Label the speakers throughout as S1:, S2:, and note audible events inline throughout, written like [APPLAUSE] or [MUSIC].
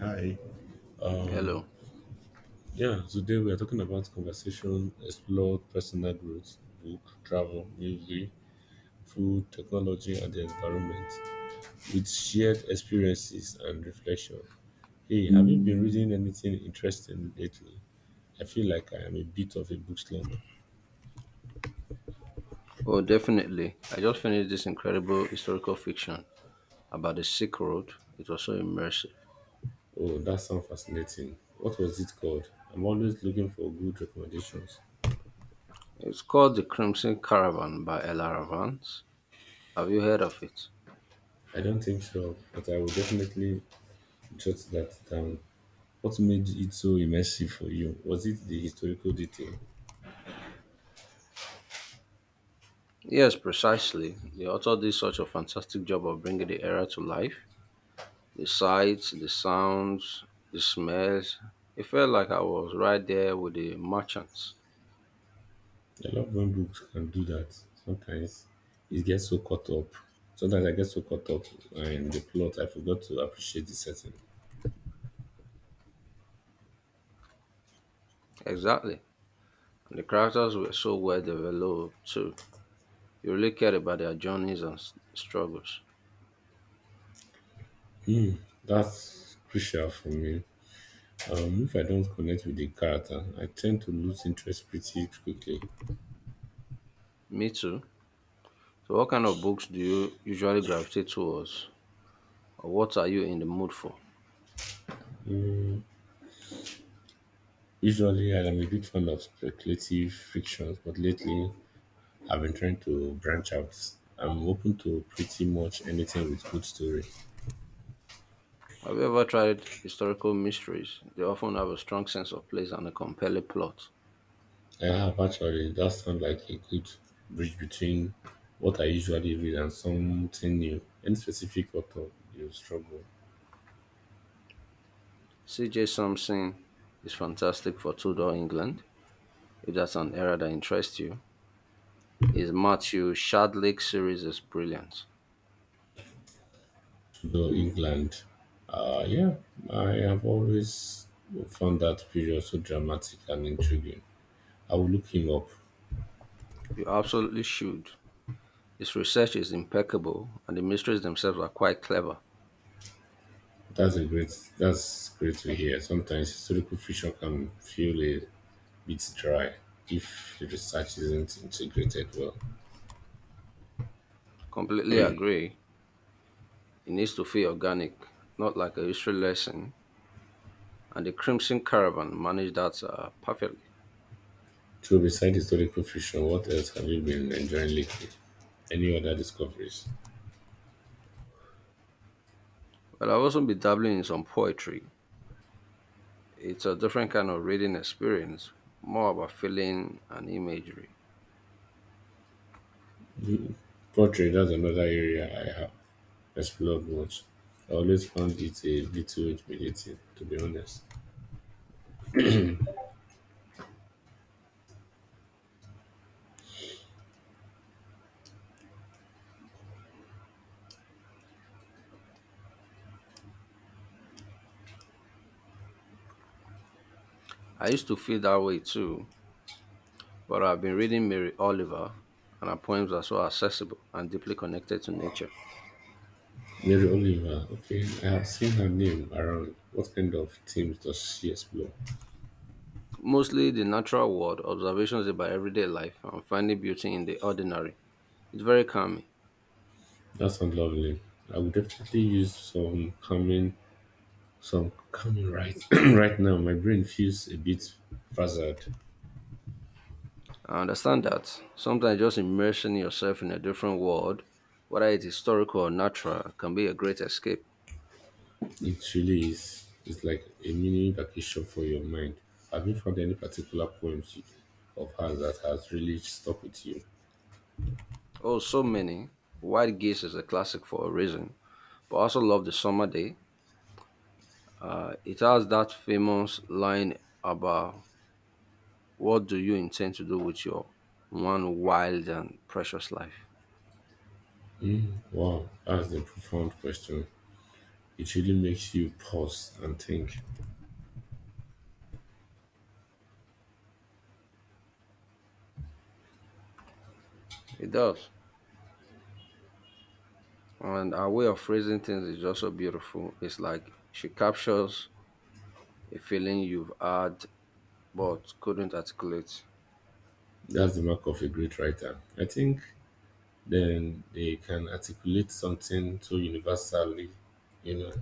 S1: Hi.
S2: Hello.
S1: Yeah, today we are talking about conversation, explore personal growth, book, travel, music, food, technology, and the environment with shared experiences and reflection. Hey, have you been reading anything interesting lately? I feel like I am a bit of a book slumber.
S2: Oh, definitely. I just finished this incredible historical fiction about the Silk Road. It was so immersive.
S1: Oh, that sounds fascinating. What was it called? I'm always looking for good recommendations.
S2: It's called The Crimson Caravan by Ella Vance. Have you heard of it?
S1: I don't think so, but I will definitely jot that down. What made it so immersive for you? Was it the historical detail?
S2: Yes, precisely. The author did such a fantastic job of bringing the era to life. The sights, the sounds, the smells. It felt like I was right there with the merchants.
S1: I love when books can do that. Sometimes it gets so caught up sometimes I get so caught up, in the plot I forgot to appreciate the setting.
S2: Exactly. And the characters were so well developed too. You really cared about their journeys and struggles.
S1: That's crucial for me. If I don't connect with the character I tend to lose interest pretty quickly.
S2: Me too. So, what kind of books do you usually gravitate towards, or what are you in the mood for?
S1: Mm, Usually I'm a big fan of speculative fictions, but lately I've been trying to branch out. I'm open to pretty much anything with good story.
S2: Have you ever tried historical mysteries? They often have a strong sense of place and a compelling plot.
S1: I have actually. That sounds like a good bridge between what I usually read and something new. Any specific author you struggle
S2: C.J. Sampson is fantastic for Tudor England, if that's an era that interests you. His Matthew Shadlick series is brilliant.
S1: to know England? Yeah, I have always found that period so dramatic and intriguing. I will look him up.
S2: You absolutely should. His research is impeccable, and the mysteries themselves are quite clever.
S1: That's a great. That's great to hear. Sometimes historical fiction can feel a bit dry if the research isn't integrated well.
S2: Completely agree. It needs to feel organic, not like a history lesson, and the Crimson Caravan managed that perfectly.
S1: So beside historical fiction, what else have you been enjoying lately? Any other discoveries?
S2: Well, I have also been dabbling in some poetry. It's a different kind of reading experience, more about feeling and imagery.
S1: Poetry, that's another area I have explored much. I always found it a little intimidating, to be honest.
S2: I used to feel that way too, but I've been reading Mary Oliver, and her poems are so accessible and deeply connected to nature.
S1: Mary Oliver, okay, I have seen her name around. What kind of themes does she explore?
S2: Mostly the natural world, observations about everyday life, and finding beauty in the ordinary. It's very calming.
S1: That sounds lovely. I would definitely use some calming, right [CLEARS THROAT] right now. My brain feels a bit frazzled.
S2: I understand that. Sometimes just immersing yourself in a different world, whether it's historical or natural, can be a great escape.
S1: It really is. It's like a mini vacation for your mind. Have you found any particular of hers that has really stuck with you?
S2: Oh, so many. White Gaze is a classic for a reason. But I also love The Summer Day. It has that famous line about what do you intend to do with your one wild and precious life.
S1: Mm, wow, that's a profound question. It really makes you pause and think.
S2: It does. And our way of phrasing things is also beautiful. It's like she captures a feeling you've had but couldn't articulate.
S1: That's the mark of a great writer. I think then they can articulate something so universally, you know.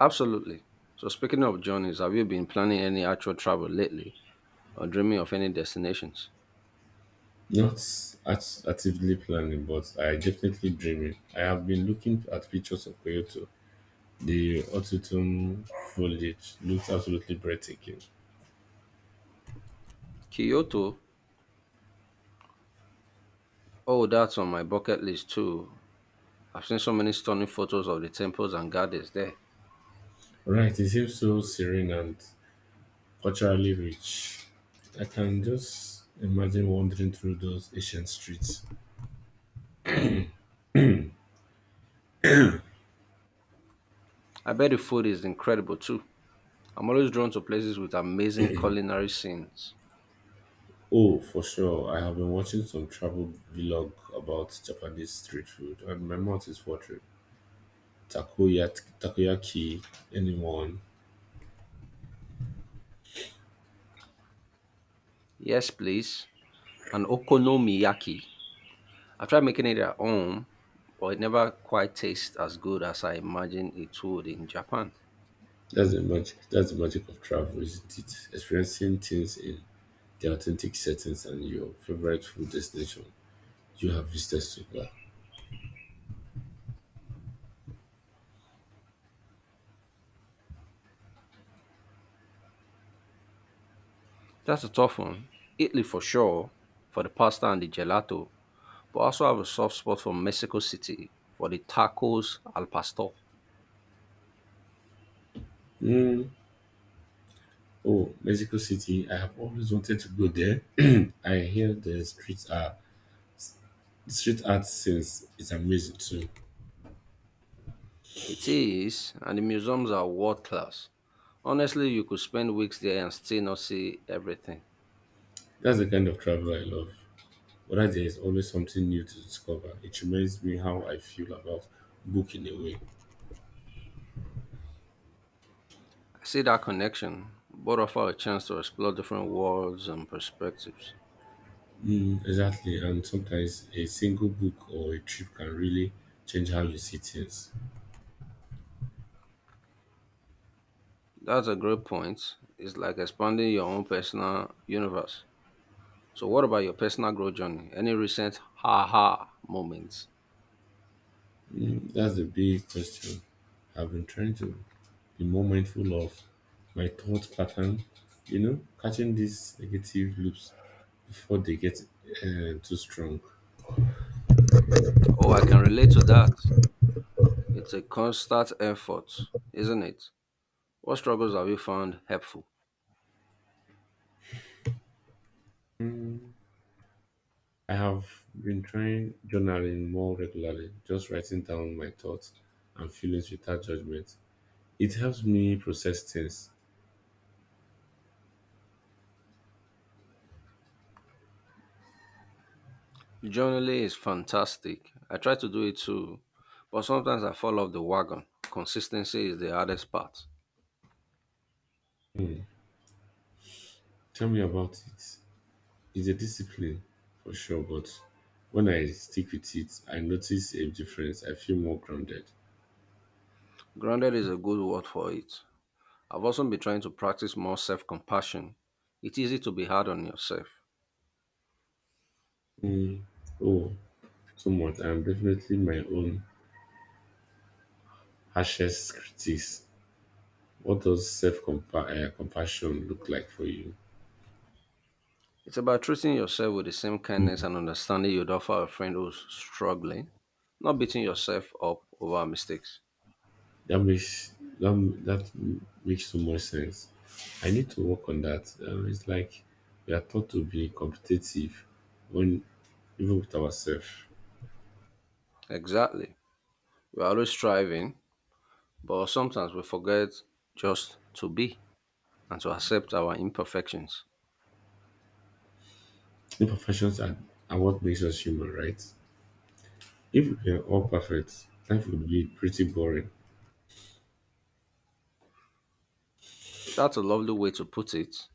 S2: Absolutely. So, speaking of journeys, have you been planning any actual travel lately or dreaming of any destinations?
S1: Not actively planning, but I definitely dreaming. I have been looking at pictures of Kyoto. The autumn foliage looks absolutely breathtaking.
S2: Kyoto? Oh, that's on my bucket list too. I've seen so many stunning photos of the temples and gardens there.
S1: Right, it seems so serene and culturally rich. I can just imagine wandering through those ancient streets.
S2: I bet the food is incredible too. I'm always drawn to places with amazing culinary scenes.
S1: Oh, for sure. I have been watching some travel vlog about Japanese street food, and my mouth is watering. Takoyaki, anyone?
S2: Yes, please. And okonomiyaki. I tried making it at home, but it never quite tastes as good as I imagined it would in Japan.
S1: That's the magic. That's the magic of travel, isn't it? Experiencing things in the authentic settings, and your favorite food destination you have visited so far?
S2: That's a tough one. Italy for sure, for the pasta and the gelato, but I also have a soft spot for Mexico City for the tacos al pastor.
S1: Mm, oh, Mexico City. I have always wanted to go there. [CLEARS THROAT] I hear the streets are The street art scenes is amazing too.
S2: It is, and the museums are world class. Honestly, you could spend weeks there and still not see everything.
S1: That's the kind of travel I love. Whether there is always something new to discover, it reminds me how I feel about book in a way.
S2: I see that connection, but offer a chance to explore different worlds and perspectives.
S1: Mm, exactly, and sometimes a single book or a trip can really change how you see things.
S2: That's a great point. It's like expanding your own personal universe. So, what about your personal growth journey? Any recent ha ha moments?
S1: Mm, that's the big question. I've been trying to be more mindful of my thought pattern, you know, catching these negative loops before they get too strong.
S2: Oh, I can relate to that. It's a constant effort, isn't it? What struggles have you found helpful?
S1: Mm, I have been trying journaling more regularly, just writing down my thoughts and feelings without judgment. It helps me process things.
S2: Journaling is fantastic. I try to do it too, but sometimes I fall off the wagon. Consistency is the hardest part.
S1: Mm, tell me about it. It's a discipline for sure, but when I stick with it, I notice a difference. I feel more grounded.
S2: Grounded is a good word for it. I've also been trying to practice more self compassion. It's easy to be hard on yourself.
S1: Mm, oh, too much. I'm definitely my own harshest critic. What does self compassion look like for you?
S2: It's about treating yourself with the same kindness
S1: Mm,
S2: and understanding you'd offer a friend who's struggling, not beating yourself up over mistakes.
S1: That makes that makes so much sense. I need to work on that. It's like we are taught to be competitive when even with ourselves.
S2: Exactly. We're always striving, but sometimes we forget just to be and to accept our imperfections.
S1: Imperfections are what makes us human, right? If we were all perfect, life would be pretty boring.
S2: That's a lovely way to put it.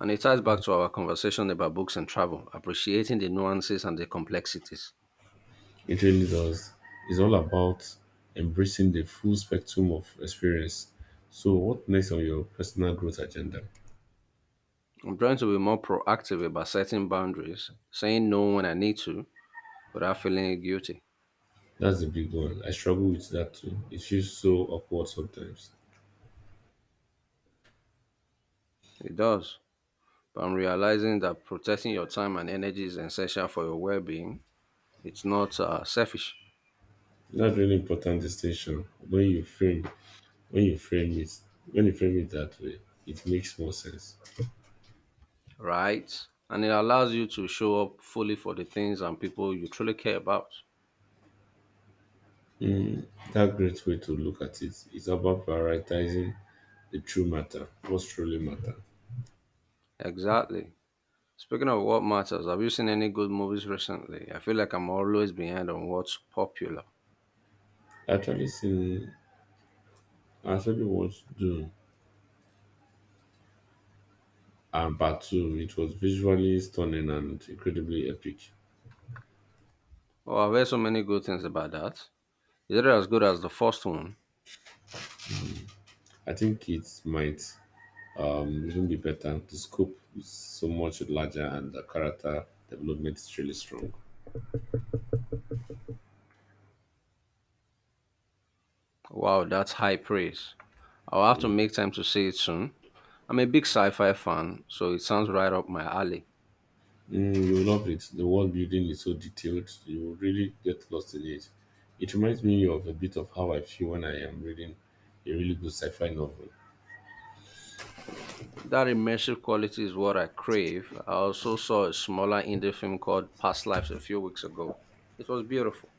S2: And it ties back to our conversation about books and travel, appreciating the nuances and the complexities.
S1: It really does. It's all about embracing the full spectrum of experience. So, what next on your personal growth agenda?
S2: I'm trying to be more proactive about setting boundaries, saying no when I need to without feeling guilty.
S1: That's the big one. I struggle with that too. It feels so awkward sometimes.
S2: It does. But I'm realizing that protecting your time and energy is essential for your well being. It's not selfish.
S1: That's really important distinction. When you frame it, when you frame it that way, it makes more sense.
S2: Right. And it allows you to show up fully for the things and people you truly care about.
S1: That great way to look at it is about prioritizing the true matter, what's truly matter.
S2: Exactly. Speaking of what matters, have you seen any good movies recently? I feel like I'm always behind on what's popular.
S1: I Actually, seen I actually watched Dune and part two. It was visually stunning and incredibly epic.
S2: Oh, I've heard so many good things about that. Is it as good as the first one?
S1: I think it might even be better. The scope is so much larger and the character development is really strong.
S2: Wow, that's high praise. I'll have to
S1: Mm.
S2: make time to see it soon. I'm a big sci fi fan, so it sounds right up my alley.
S1: Mm, you will love it. The world building is so detailed, you will really get lost in it. It reminds me of a bit of how I feel when I am reading a really good sci-fi novel.
S2: That immersive quality is what I crave. I also saw a smaller indie film called Past Lives a few weeks ago. It was beautiful.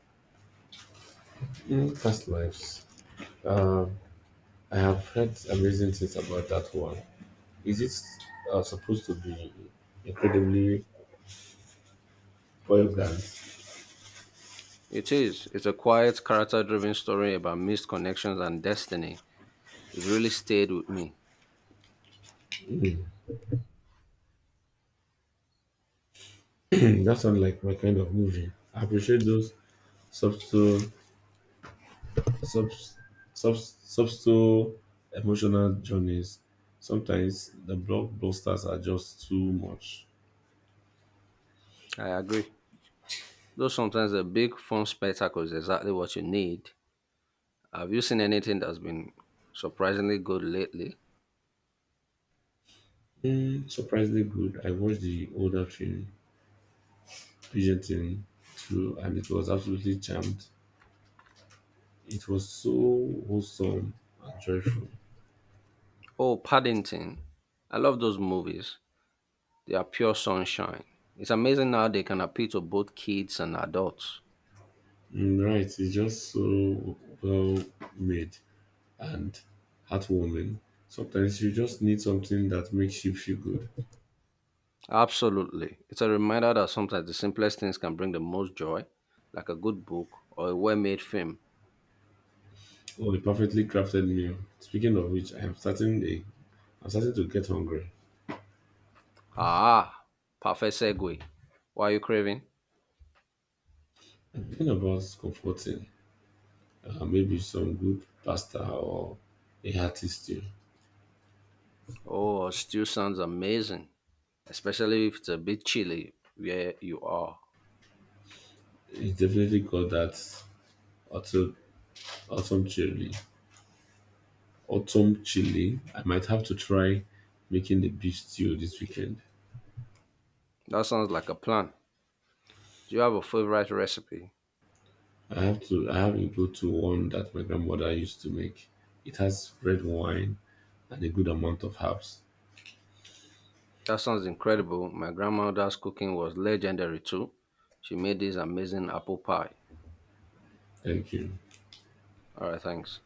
S1: Mm, past lives. um I have heard amazing things about that one. Is it supposed to be incredibly poignant?
S2: It is. It's a quiet, character driven story about missed connections and destiny. It really stayed with me.
S1: Hmm, [CLEARS THROAT] that sounds like my kind of movie. I appreciate those subtle, sub, subtle emotional journeys. Sometimes the blockbusters are just too much.
S2: I agree. Though sometimes a big film spectacle is exactly what you need. Have you seen anything that's been surprisingly good lately?
S1: Hmm, surprisingly good. I watched the older film, Pigeon too, and it was absolutely charmed. It was so wholesome and joyful.
S2: Oh, Paddington. I love those movies. They are pure sunshine. It's amazing how they can appeal to both kids and adults.
S1: Mm, right, it's just so well made and heartwarming. Sometimes you just need something that makes you feel good.
S2: Absolutely. It's a reminder that sometimes the simplest things can bring the most joy, like a good book or a well made film.
S1: Oh, a perfectly crafted meal. Speaking of which, I'm starting to get hungry.
S2: Ah, perfect segue. What are you craving?
S1: I'm thinking about comforting, maybe some good pasta or a hearty stew.
S2: Oh, stew sounds amazing, especially if it's a bit chilly where you are.
S1: It's definitely got that autumn, autumn chili. Autumn chili. I might have to try making the beef stew this weekend.
S2: That sounds like a plan. Do you have a favorite recipe?
S1: I have a go-to one that my grandmother used to make. It has red wine and a good amount of herbs.
S2: That sounds incredible. My grandmother's cooking was legendary too. She made this amazing apple pie.
S1: Thank you.
S2: All right, thanks.